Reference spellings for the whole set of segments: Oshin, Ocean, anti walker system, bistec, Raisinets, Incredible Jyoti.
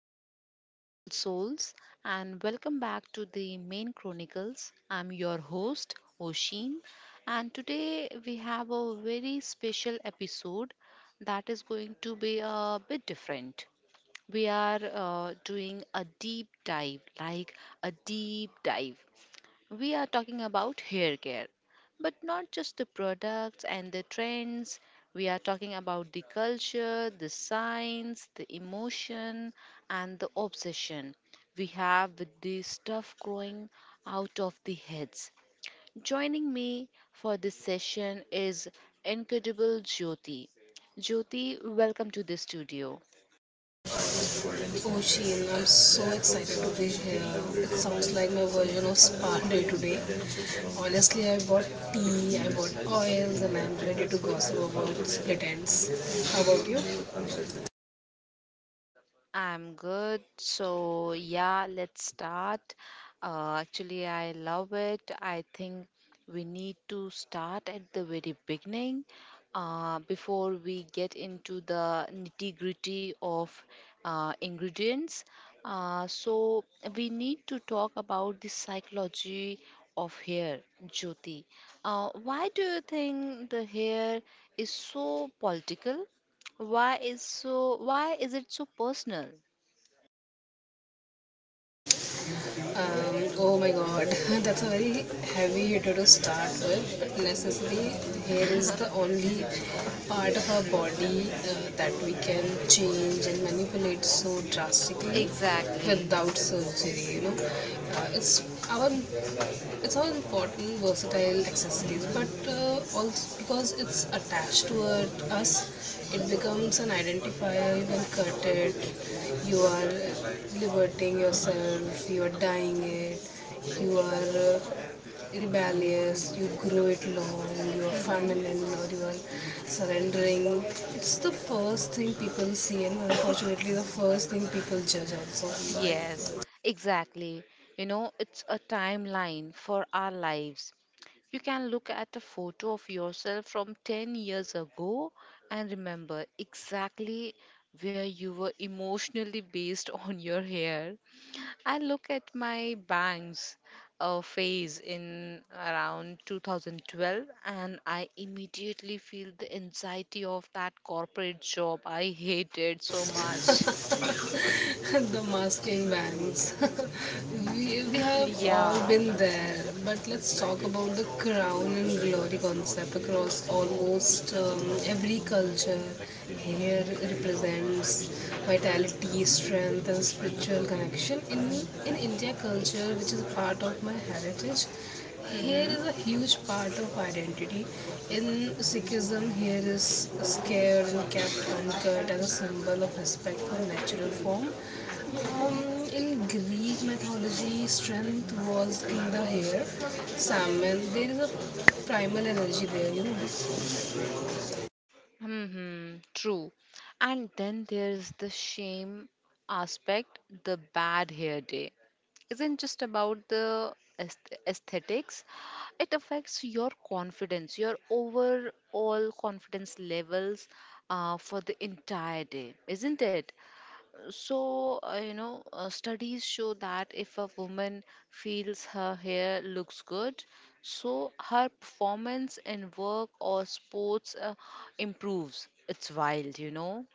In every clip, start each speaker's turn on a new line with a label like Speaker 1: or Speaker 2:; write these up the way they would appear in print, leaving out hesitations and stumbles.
Speaker 1: hello, beautiful souls, and welcome back to the Main Chronicles. I'm your host, Oshin, and today we have a very special episode that is going to be a bit different. We are doing a deep dive, like a deep dive. We are talking about hair care, but not just the products and the trends. We are talking about the culture, the science, the emotion, and the obsession we have with this stuff growing out of the heads. Joining me for this session is Incredible Jyoti. Jyoti, welcome to the studio.
Speaker 2: Oh, Ocean, I'm so excited to be here. It sounds like my version of spa day today. Honestly, I bought oils, and I'm ready to gossip about split ends. How about you?
Speaker 1: I'm good. So, yeah, let's start. Actually, I love it. I think we need to start at the very beginning before we get into the nitty gritty of ingredients. Uh, so, we need to talk about the psychology of hair, Jyoti. Why do you think the hair is so political? Why is it so personal?
Speaker 2: Oh my god, that's a very heavy hitter to start with, but necessarily, hair is the only part of our body that we can change and manipulate so drastically
Speaker 1: Exactly.
Speaker 2: without surgery, you know. Uh, it's our it's all important versatile accessories but also because it's attached to us, it becomes an identifier. You can cut it, you are liberating yourself, you are dyeing it, you are rebellious, you grow it long, you are
Speaker 1: Mm-hmm.
Speaker 2: feminine, or you are surrendering. It's the first thing people see, and unfortunately the first thing people judge also.
Speaker 1: Yes, exactly. You know, it's a timeline for our lives. You can look at a photo of yourself from 10 years ago and remember exactly where you were emotionally based on your hair. I look at my bangs phase in around 2012, and I immediately feel the anxiety of that corporate job I hated so much.
Speaker 2: The masking bands. We have all
Speaker 1: Yeah.
Speaker 2: been there, but let's talk about the crown and glory concept across almost every culture. Hair represents vitality, strength, and spiritual connection. In India culture, which is a part of my heritage, hair
Speaker 1: Mm-hmm.
Speaker 2: is a huge part of identity. In Sikhism, hair is scared and kept uncut as a symbol of respect for natural form. Um, in Greek mythology, strength was in the hair. Salmon, there is a primal energy there. You know,
Speaker 1: Mm-hmm. True. And then there's the shame aspect, the bad hair day. Isn't just about the aesthetics. It affects your confidence, your overall confidence levels for the entire day, isn't it? So, studies show that if a woman feels her hair looks good, so her performance in work or sports improves. It's wild, you know.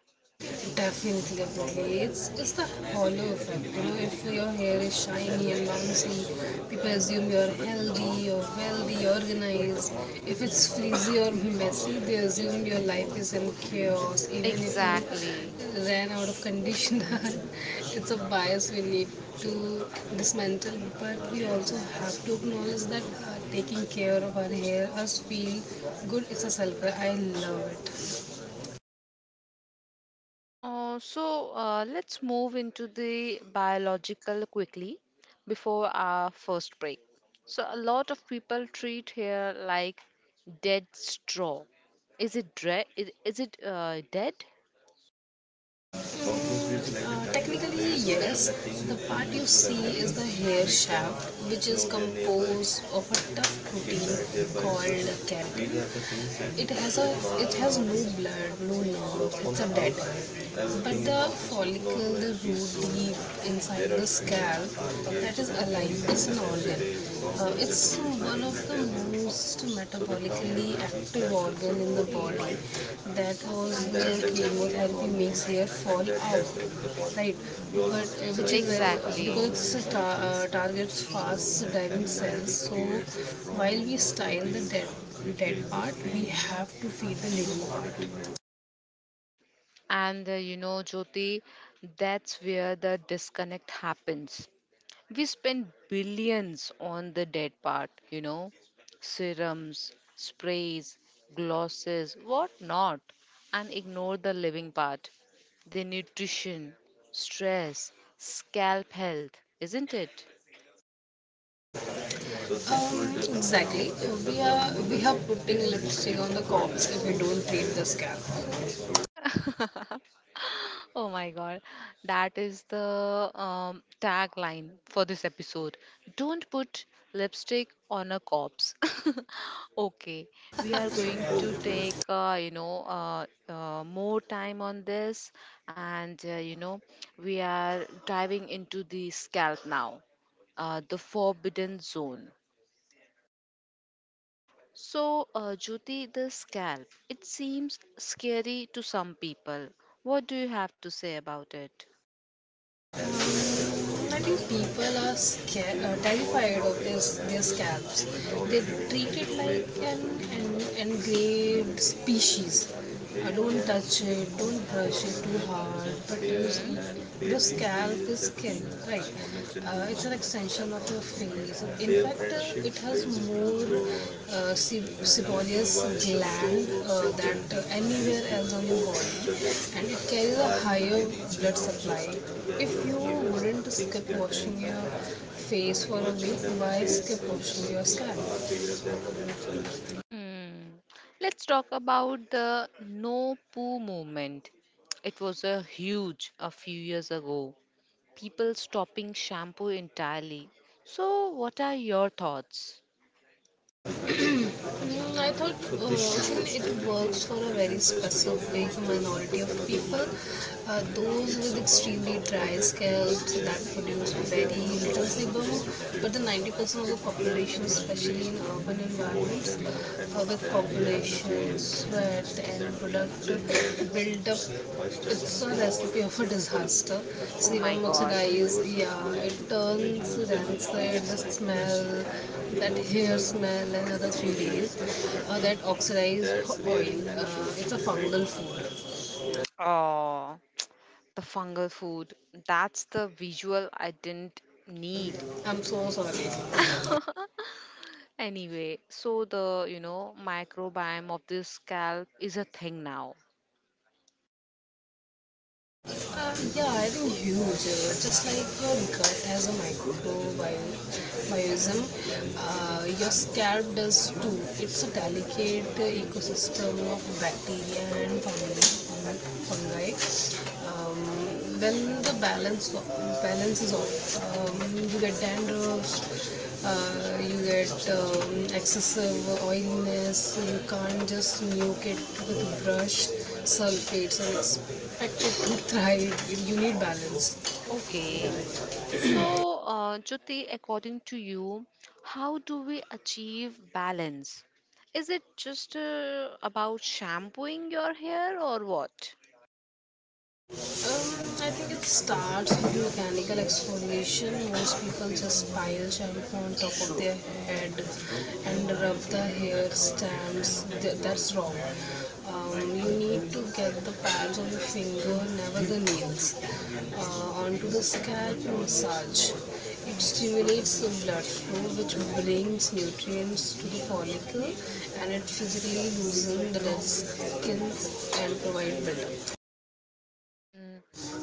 Speaker 2: definitely, definitely. It's the hollow effect. You know, if your hair is shiny and bouncy, people assume you're healthy, or wealthy, organized. If it's frizzy or messy, they assume your life is in chaos. Even if
Speaker 1: Exactly.
Speaker 2: you ran out of conditioner, it's a bias we need to dismantle. But we also have to acknowledge that taking care of our hair, us feel good, it's a self care. I love it.
Speaker 1: Let's move into the biological quickly before our first break. So, a lot of people treat hair like dead straw. Is is it dead?
Speaker 2: Technically, yes. The part you see is the hair shaft, which is composed of a tough protein called keratin. It has a it has no blood, no nerves. It's a dead. But the follicle, the root deep inside the scalp, that is alive. It's an organ. It's one of the most metabolically active organ in the body. That was where chemotherapy makes hair fall out, right? But which is where,
Speaker 1: Exactly.
Speaker 2: because it's targets fast diving cells. So while we style the dead part, we have to feed the living part.
Speaker 1: And you know, Jyoti, that's where the disconnect happens. We spend billions on the dead part, you know, serums, sprays, glosses, whatnot, and ignore the living part, the nutrition, stress, scalp health, isn't it?
Speaker 2: Exactly. We are putting lipstick on the corpse if we don't treat the scalp.
Speaker 1: Oh my God, that is the tagline for this episode. Don't put lipstick on a corpse. Okay, we are going to take more time on this, and you know we are diving into the scalp now, the forbidden zone. So, Jyoti, the scalp, it seems scary to some people. What do you have to say about it?
Speaker 2: I think people are scared, terrified of this, their scalps. They treat it like an engraved species. Don't touch it, don't brush it too hard. But you,
Speaker 1: Mm-hmm.
Speaker 2: your scalp is skin, right? It's an extension of your face. In fact, it has more sebaceous gland that anywhere else on your body, and it carries a higher blood supply. If you wouldn't skip washing your face for a week, why skip washing your scalp?
Speaker 1: Hmm. Let's talk about the no poo movement. It was a huge a few years ago. People stopping shampoo entirely. So, what are your thoughts?
Speaker 2: Mm, I thought Ocean, it works for a very specific minority of people, those with extremely dry scalps that produce very little sebum. But the 90% of the population, especially in urban environments, with population sweat and productive buildup, it's a recipe of a disaster.
Speaker 1: Oh my
Speaker 2: Sebum
Speaker 1: god.
Speaker 2: oxidizes, yeah, it turns rancid, the smell, that hair smell and other 3 days that oxidized oil, it's a fungal food.
Speaker 1: Oh, the fungal food. That's the visual I didn't need.
Speaker 2: I'm so sorry.
Speaker 1: Anyway, so the you know microbiome of this scalp is a thing now.
Speaker 2: Yeah, I think huge. Just like your gut has a microbiome, your scalp does too. It's a delicate ecosystem of bacteria and fungi. Um, when the balance is off, you get dandruff. You get excessive oiliness. You can't just nuke it with a brush sulfates, and it thrive. You need balance.
Speaker 1: Okay. So, Jyoti, according to you, how do we achieve balance? Is it just about shampooing your hair or what?
Speaker 2: I think it starts with mechanical exfoliation. Most people just pile shampoo on top of their head and rub the hair strands. That's wrong. You need to get the pads on your finger, never the nails, onto the scalp and massage. It stimulates the blood flow, which brings nutrients to the follicle, and it physically loosens the dead skin and provide buildup.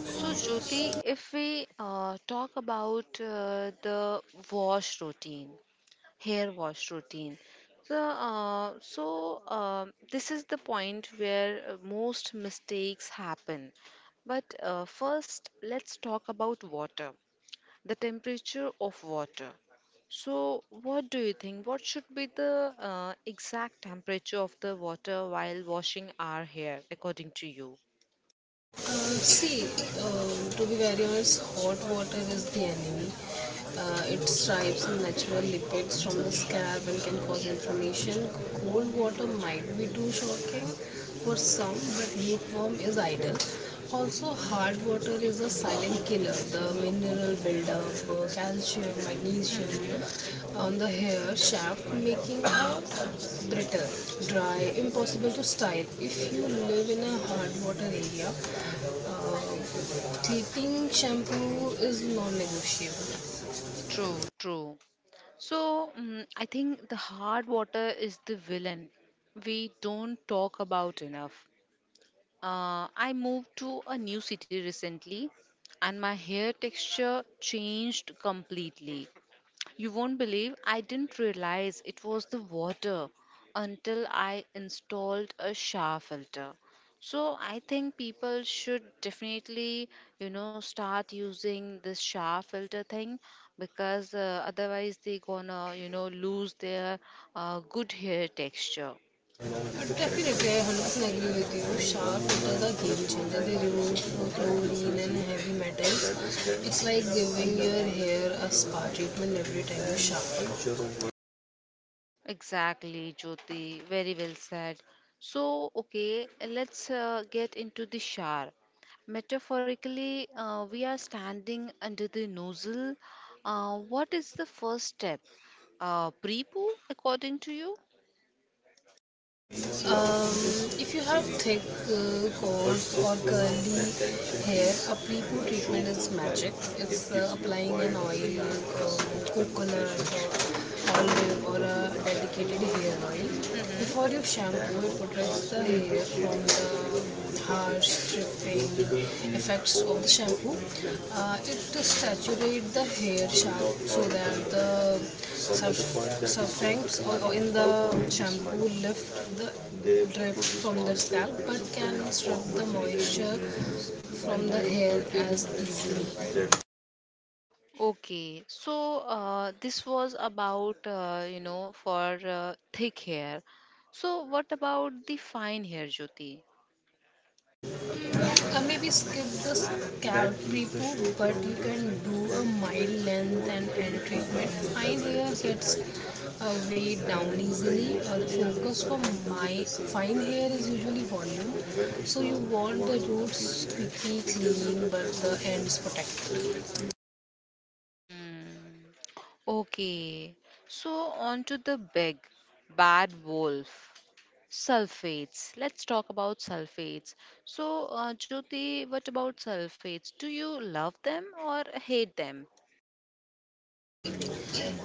Speaker 1: So, Jyoti, if we talk about the wash routine, hair wash routine, so, uh, so uh, this is the point where most mistakes happen. But first, let's talk about water. The temperature of water. So, what do you think? What should be the exact temperature of the water while washing our hair, according to you?
Speaker 2: Uh, See, to be very honest, hot water is the enemy. It strips natural lipids from the scab and can cause inflammation. Cold water might be too shocking for some, but lukewarm is ideal. Also, hard water is a silent killer. The mineral buildup, calcium, magnesium
Speaker 1: Mm-hmm.
Speaker 2: on the hair shaft, making a brittle, dry, impossible to style. If you live in a hard water area, थिटिंग shampoo is non negotiable
Speaker 1: True, true. So, I think the hard water is the villain we don't talk about enough. I moved to a new city recently and my hair texture changed completely. You won't believe I didn't realize it was the water until I installed a shower filter. So I think people should definitely, you know, start using this shower filter thing because otherwise they're gonna, you know, lose their good hair texture.
Speaker 2: Definitely I hundred percent agree with you sharp is the game changer they remove chlorine and heavy metals it's like giving your hair a spa treatment every time you sharp.
Speaker 1: Exactly, Jyoti. Very well said. So, okay, let's get into the shower. Metaphorically, we are standing under the nozzle. What is the first step? Pre poo, according to you?
Speaker 2: If you have thick, coarse, or curly hair, a pre-poo treatment is magic. It's applying an oil, coconut, or olive, or a dedicated hair oil.
Speaker 1: Mm-hmm.
Speaker 2: Before you shampoo, it protects the hair from the hair stripping effects of the shampoo. It saturates the hair sharp so that the surf- in the shampoo lift the drip from the scalp but can strip the moisture from the hair as easily.
Speaker 1: Okay, so this was about, you know, for thick hair. So, what about the fine hair, Jyoti?
Speaker 2: Maybe skip the Calvary poo, but you can do a mild length and end treatment. Fine hair gets weighed down easily. The focus for my fine hair is usually volume, so you want the roots squeaky clean but the ends protected.
Speaker 1: Hmm. Okay, so on to the big bad wolf. Sulfates. Let's talk about sulfates. So, Jyoti, what about sulfates? Do you love them or hate them?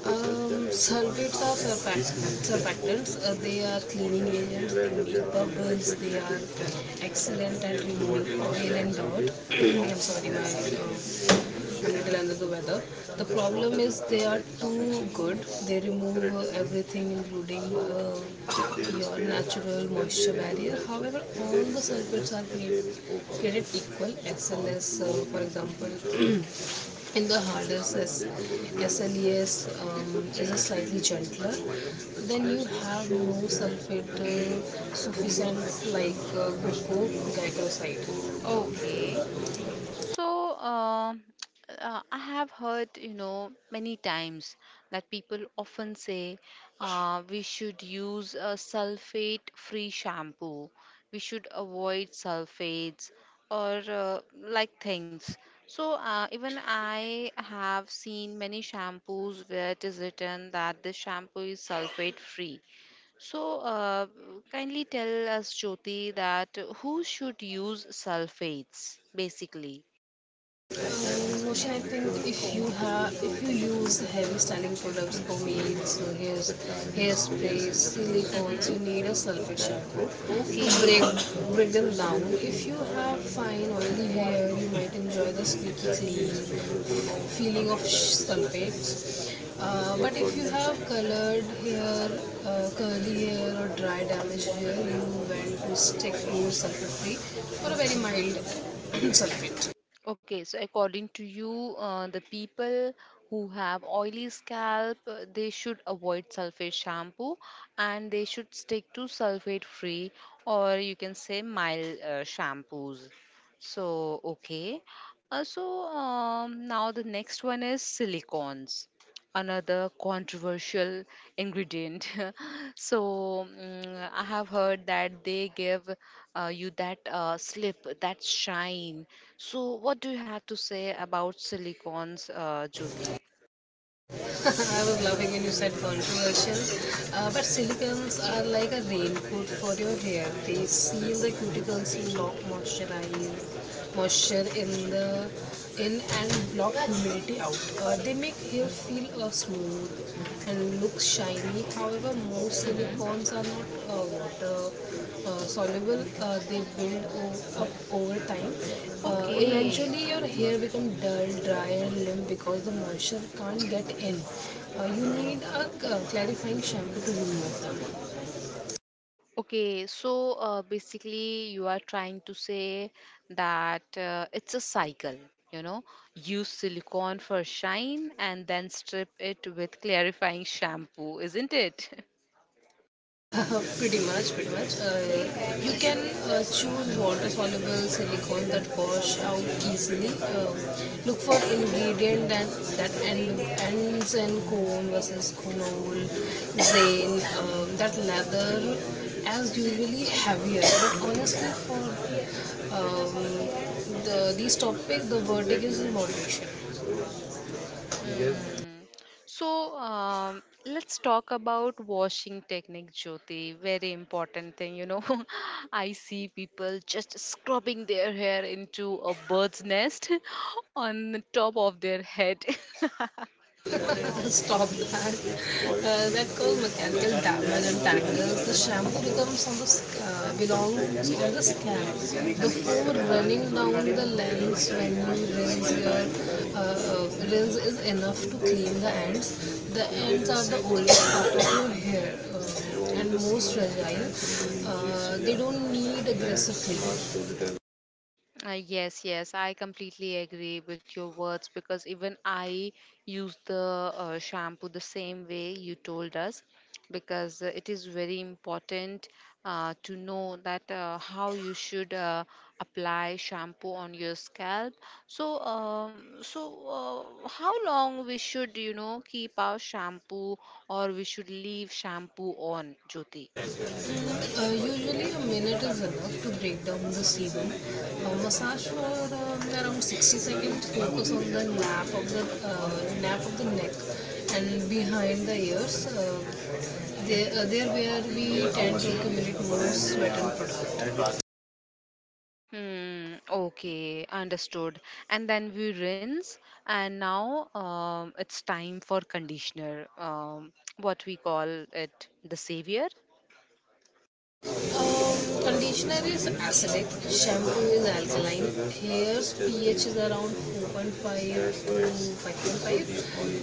Speaker 2: Sulfates are surfactants. They are cleaning agents, they make bubbles, they are excellent at removing oil and dirt. I'm sorry, I'm a little under the weather. The problem is they are too good. They remove everything, including your natural moisture barrier. However, all the sulfates are created equal. SLS, for example. In the harder SLES is a slightly gentler. Then you have no sulfate sufficient like glucocorticoid.
Speaker 1: Okay. So, I have heard, you know, many times that people often say we should use a sulfate free shampoo, we should avoid sulfates or like things. So, even I have seen many shampoos where it is written that this shampoo is sulfate free. So, kindly tell us, Jyoti, that who should use sulfates basically?
Speaker 2: Motion, I think if you use heavy styling products, pomades, hairs, hairsprays, silicones, you
Speaker 1: Mm-hmm.
Speaker 2: need a sulfate shampoo to break
Speaker 1: Okay.
Speaker 2: break them down. If you have fine oily hair, you might enjoy the sweet clean feeling of sulfates. But if you have colored hair, curly hair or dry damaged hair, you want to stick to sulfate free or a very mild sulfate.
Speaker 1: Okay. So according to you, the people who have oily scalp, they should avoid sulfate shampoo and they should stick to sulfate free or you can say mild shampoos. So, okay. Now the next one is silicones. Another controversial ingredient. So I have heard that they give you that slip, that shine. So what do you have to say about silicones, Jyoti?
Speaker 2: I was loving when you said controversial. But silicones are like a raincoat for your hair. They seal the cuticles, lock moisturize moisture in the in and block humidity out. They make hair feel smooth and look shiny. However, most
Speaker 1: Mm-hmm.
Speaker 2: silicones are not water soluble. They build up over time.
Speaker 1: Okay.
Speaker 2: Eventually your hair becomes dull, dry and limp because the moisture can't get in. You need a clarifying shampoo to remove them.
Speaker 1: Okay, so basically, you are trying to say that it's a cycle, you know, use silicone for shine and then strip it with clarifying shampoo, isn't it?
Speaker 2: Pretty much, pretty much. You can choose water soluble silicone that wash out easily. Look for ingredient that that end, ends in cone versus conol, zane. That leather, as usually heavier. But honestly, for um, these topic, the verdict is in moderation.
Speaker 1: Mm. So let's talk about washing technique, Jyoti. Very important thing, you know. I see people just scrubbing their hair into a bird's nest on the top of their head.
Speaker 2: Stop that. That causes mechanical damage and tangles. The shampoo becomes on the belongs on the scalp before running down the lens when you rinse is enough to clean the ends. The ends are the oldest part of your hair, and most fragile. They don't need aggressive treatment.
Speaker 1: Yes, yes, I completely agree with your words because even I use the shampoo the same way you told us because it is very important to know that how you should apply shampoo on your scalp. So, how long we should you know keep our shampoo or we should leave shampoo on, Jyoti?
Speaker 2: Usually a minute is enough to break down the sebum. Massage for around 60 seconds. Focus on the nape of the neck and behind the ears. There where we tend to accumulate more sweat and products.
Speaker 1: Hmm, okay, understood. And then we rinse, and now it's time for conditioner, what we call it the savior.
Speaker 2: Um, Conditioner is acidic, shampoo is alkaline. Hair's pH is around 4.5 to 5.5.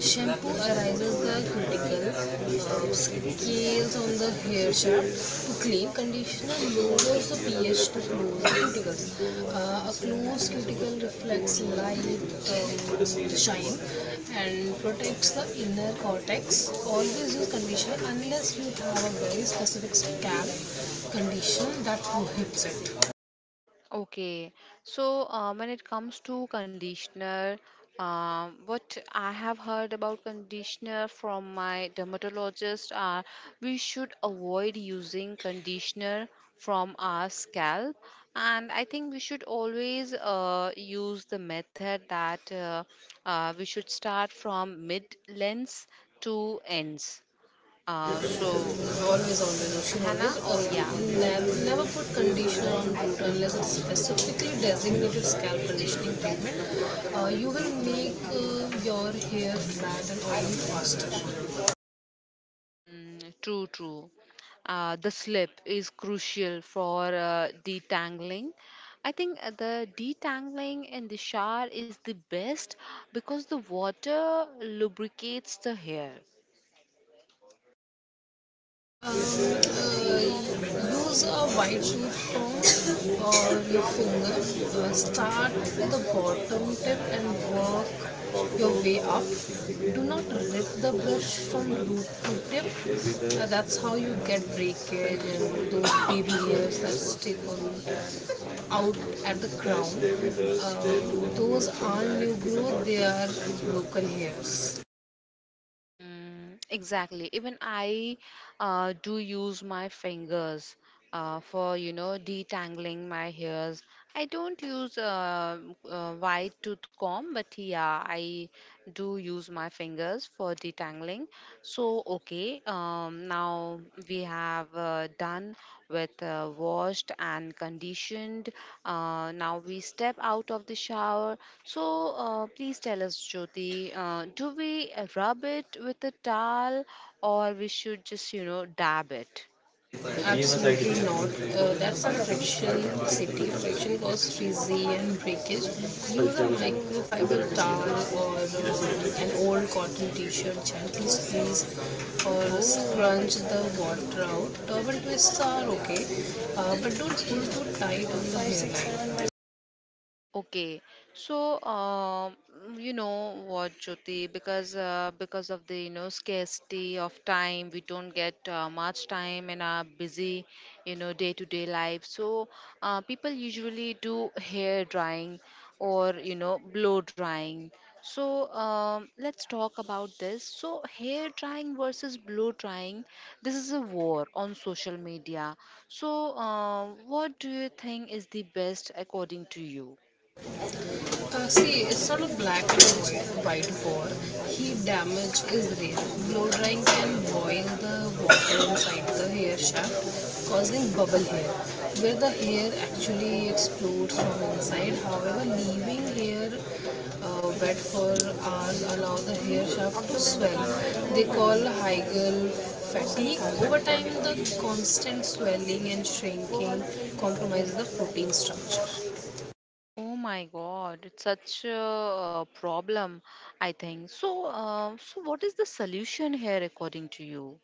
Speaker 2: Shampoo arises the cuticle, scales on the hair shaft to clean. Conditioner lowers the pH to close the cuticles. A closed cuticle reflects light, shine and protects the inner cortex. Always use conditioner unless you have a very specific scalp condition that prohibits it.
Speaker 1: Okay, so when it comes to conditioner, what I have heard about conditioner from my dermatologist are we should avoid using conditioner from our scalp, and I think we should always use the method that we should start from mid lengths to ends. So,
Speaker 2: Always, always, Oshin, always
Speaker 1: Hannah, oh yeah,
Speaker 2: never put conditioner on boot unless it's specifically designated scalp conditioning treatment. You will make your hair flat and oily faster.
Speaker 1: true, true. The slip is crucial for detangling. I think the detangling in the shower is the best because the water lubricates the hair.
Speaker 2: Use a wide sheet comb or your finger. Start with the bottom tip and work your way up. Do not rip the brush from root to tip. That's how you get breakage and those baby hairs that stick on out at the crown. Uh, those aren't new growth, they are broken hairs.
Speaker 1: Hmm. Exactly. Even I do use my fingers for, you know, detangling my hairs. I don't use a wide tooth comb, but yeah, I do use my fingers for detangling. So, okay, now we have done with washed and conditioned. Now we step out of the shower. So please tell us, Jyoti, do we rub it with a towel or we should just you know dab it?
Speaker 2: Absolutely not. That's a friction, safety friction cause frizzy and breakage. Use a microfiber towel or an old cotton t-shirt, gently squeeze or scrunch
Speaker 1: Oh.
Speaker 2: the water out. Turban twists are okay, but don't pull too tight on the hairline.
Speaker 1: Okay, so you know what, Jyoti, because of the you know scarcity of time, we don't get much time in our busy, you know, day-to-day life. So people usually do hair drying or you know blow drying. So let's talk about this. So hair drying versus blow drying, this is a war on social media. So what do you think is the best according to you?
Speaker 2: See, it's not a white war. Heat damage is real. Blow drying can boil the water inside the hair shaft, causing bubble hair, where the hair actually explodes from inside. However, leaving hair wet for hours allow the hair shaft to swell. They call Hegel fatigue. Over time, the constant swelling and shrinking compromises the protein structure.
Speaker 1: Oh my God, it's such a problem, I think. So, so what is the solution here according to you?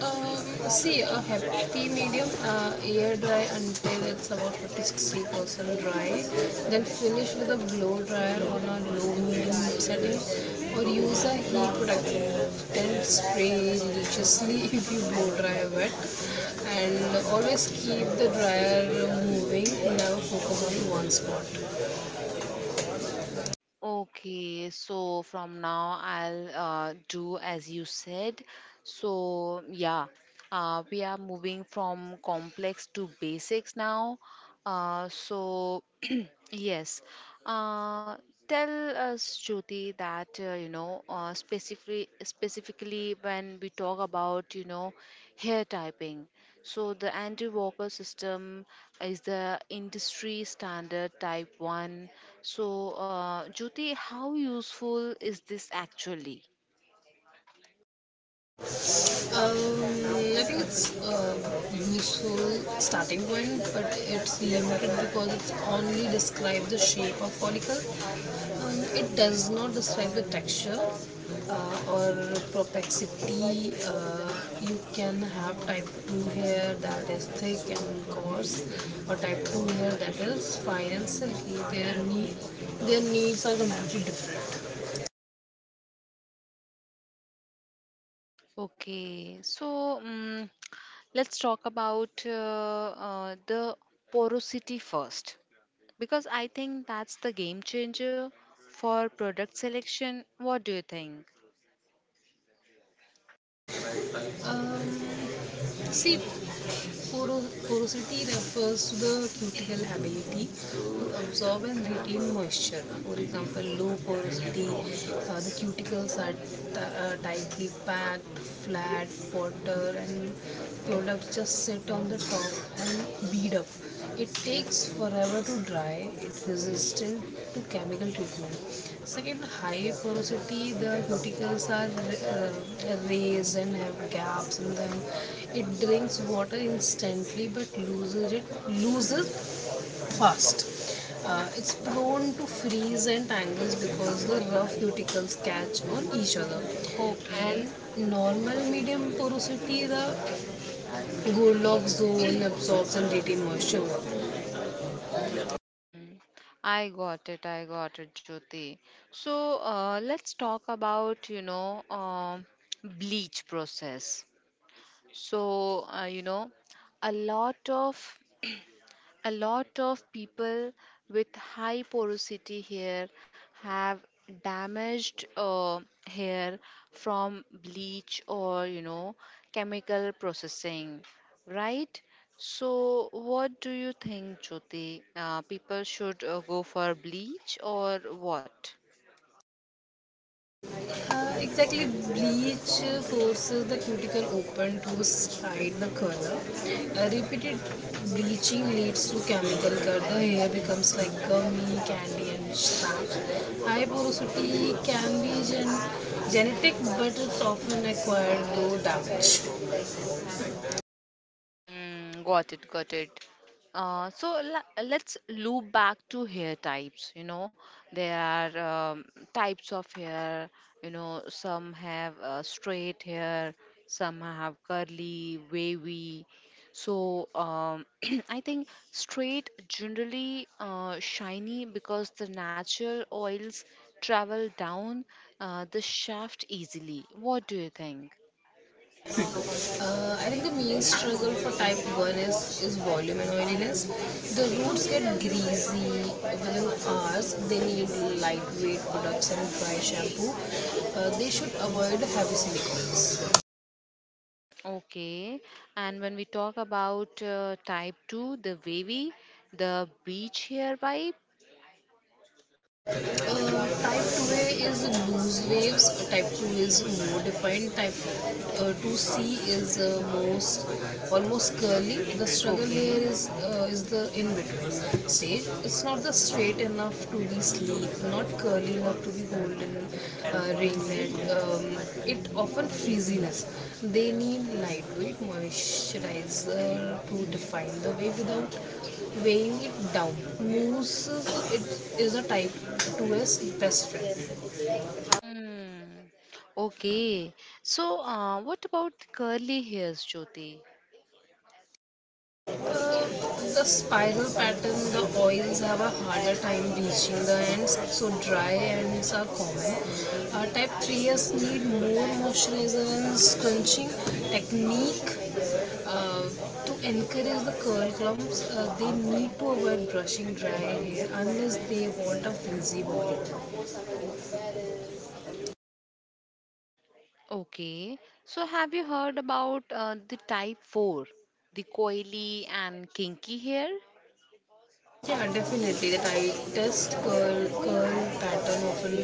Speaker 2: See, a happy medium, air dry until it's about 50 60% dry, then finish with a blow dryer on a low medium setting, or use a heat protectant spray religiously if you blow dry wet. And always keep the dryer moving, never focus on one spot.
Speaker 1: Okay, so from now I'll do as you said. So, yeah, we are moving from complex to basics now. Uh, so, yes, uh, tell us, Jyoti, that you know specifically when we talk about you know hair typing, so the anti walker system is the industry standard type 1. So Jyoti, how useful is this actually?
Speaker 2: Um, I think it's a useful starting point, but it's limited because it's only describe the shape of follicle. It does not describe the texture or propensity. You can have type 2 hair that is thick and coarse, or type 2 hair that is fine and silky. Their needs are completely different.
Speaker 1: Okay, so um, let's talk about the porosity first because I think that's the game changer for product selection. What do you think?
Speaker 2: See, porosity refers to the cuticle ability to absorb and retain moisture. For example, low porosity, the cuticles are tightly packed, flat, water, and products just sit on the top and bead up. It takes forever to dry, it resistant to chemical treatment. Second, high porosity, the cuticles are raised and have gaps in them. It drinks water instantly but loses fast. It's prone to freeze and tangles because the rough cuticles catch on each other. And
Speaker 1: Okay,
Speaker 2: normal medium porosity, the Goldilocks zone absorbs and retains moisture well.
Speaker 1: I got it. I got it, Jyoti. So let's talk about, you know, bleach process. So, you know, a lot of a lot of people with high porosity hair have damaged hair from bleach or, you know, chemical processing, right? So, what do you think, Jyoti? People should go for bleach or what?
Speaker 2: Exactly, bleach forces the cuticle open to hide the color. Repeated bleaching leads to chemical cut. The hair becomes like gummy, candy, and snaps. High porosity can be genetic, but it's often acquired through damage.
Speaker 1: Hmm. Got it, got it. So let's loop back to hair types. You know, there are types of hair. You know, some have straight hair, some have curly, wavy. So I think straight generally shiny because the natural oils travel down the shaft easily. What do you think?
Speaker 2: I think the main struggle for type 1 is volume and oiliness. The roots get greasy within hours. They need lightweight products and dry shampoo. They should avoid heavy silicones.
Speaker 1: Okay, and when we talk about type 2, the wavy, the beach here vibe.
Speaker 2: Type 2A is loose waves, type 2 is more defined, type 2C is most almost curly. The struggle here
Speaker 1: Okay.
Speaker 2: is the in between stage. It's not the straight enough to be sleek, not curly enough to be golden ringlet. It often frizziness. They need lightweight moisturizer to define the wave without weighing it down. Moose it is a type 2S best friend.
Speaker 1: Hmm. Okay. So, what about curly hairs, Jyoti?
Speaker 2: The spiral pattern, the oils have a harder time reaching the ends, so dry ends are common. Type 3S need more moisturizer and scrunching technique to encourage the curl clumps. They need to avoid brushing dry hair unless they want a frizzy body.
Speaker 1: Okay. So, have you heard about the type 4, the coily and kinky hair?
Speaker 2: Yeah, definitely. The curl pattern often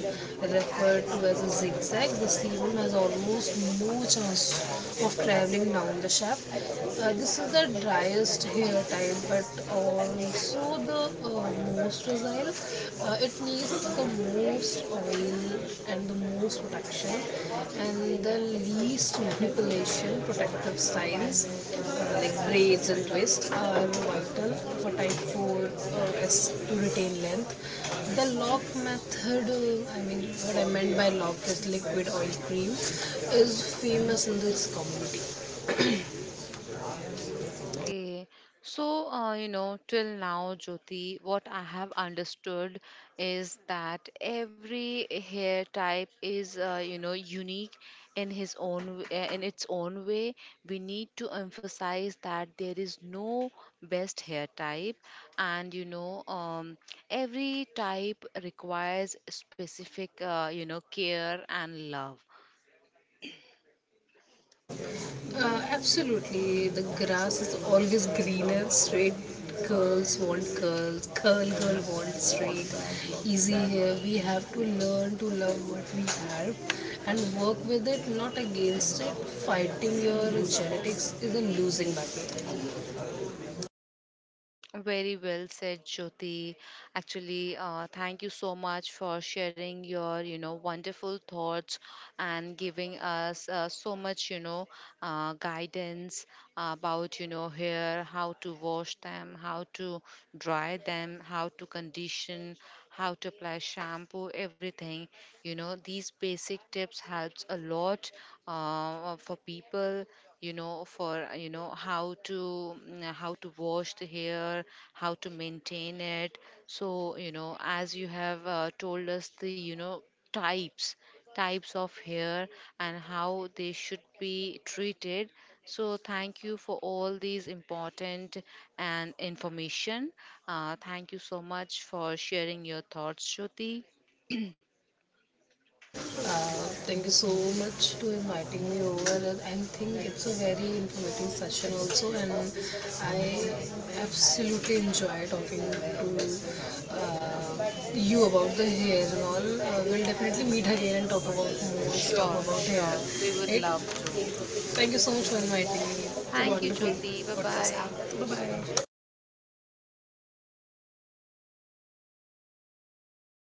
Speaker 2: referred to as a zigzag. The sebum has almost no chance of traveling down the shaft. This is the driest hair type, but also the most fragile. It needs the most oil and the most protection and the least manipulation protective styles like braids and twists are vital for type 4 to retain length. The lock method, I mean what I meant by lock is liquid oil cream, is famous in this community.
Speaker 1: Okay, so you know, till now, Jyoti, what I have understood is that every hair type is, you know, unique in his own, in its own way. We need to emphasize that there is no best hair type, and you know, every type requires specific, you know, care and love.
Speaker 2: Absolutely. The grass is always greener. Straight girls want curls. Curl girl wants straight. Easy here. We have to learn to love what we have and work with it, not against it. Fighting your genetics is a losing battle.
Speaker 1: Mm, very well said, Jyoti. Actually, thank you so much for sharing your, you know, wonderful thoughts and giving us so much, you know, guidance about, you know, hair, how to wash them, how to dry them, how to condition, how to apply shampoo, everything. You know, these basic tips helps a lot for people you know for you know how to how to wash the hair, how to maintain it. So you know as you have told us the you know types types of hair and how they should be treated. So thank you for all these important and information. Thank you so much for sharing your thoughts, Jyoti.
Speaker 2: Thank you so much for inviting me over. I think it's a very informative session also, and I absolutely enjoy talking to you about the hair and all. We'll definitely meet again and talk about more stuff
Speaker 1: Sure,
Speaker 2: about hair.
Speaker 1: sure, we would love
Speaker 2: Right?
Speaker 1: to.
Speaker 2: Thank you so much for inviting me. It's a
Speaker 1: Thank you,
Speaker 2: wonderful
Speaker 1: Jyoti. Bye
Speaker 2: podcast.
Speaker 1: bye.
Speaker 2: Bye bye.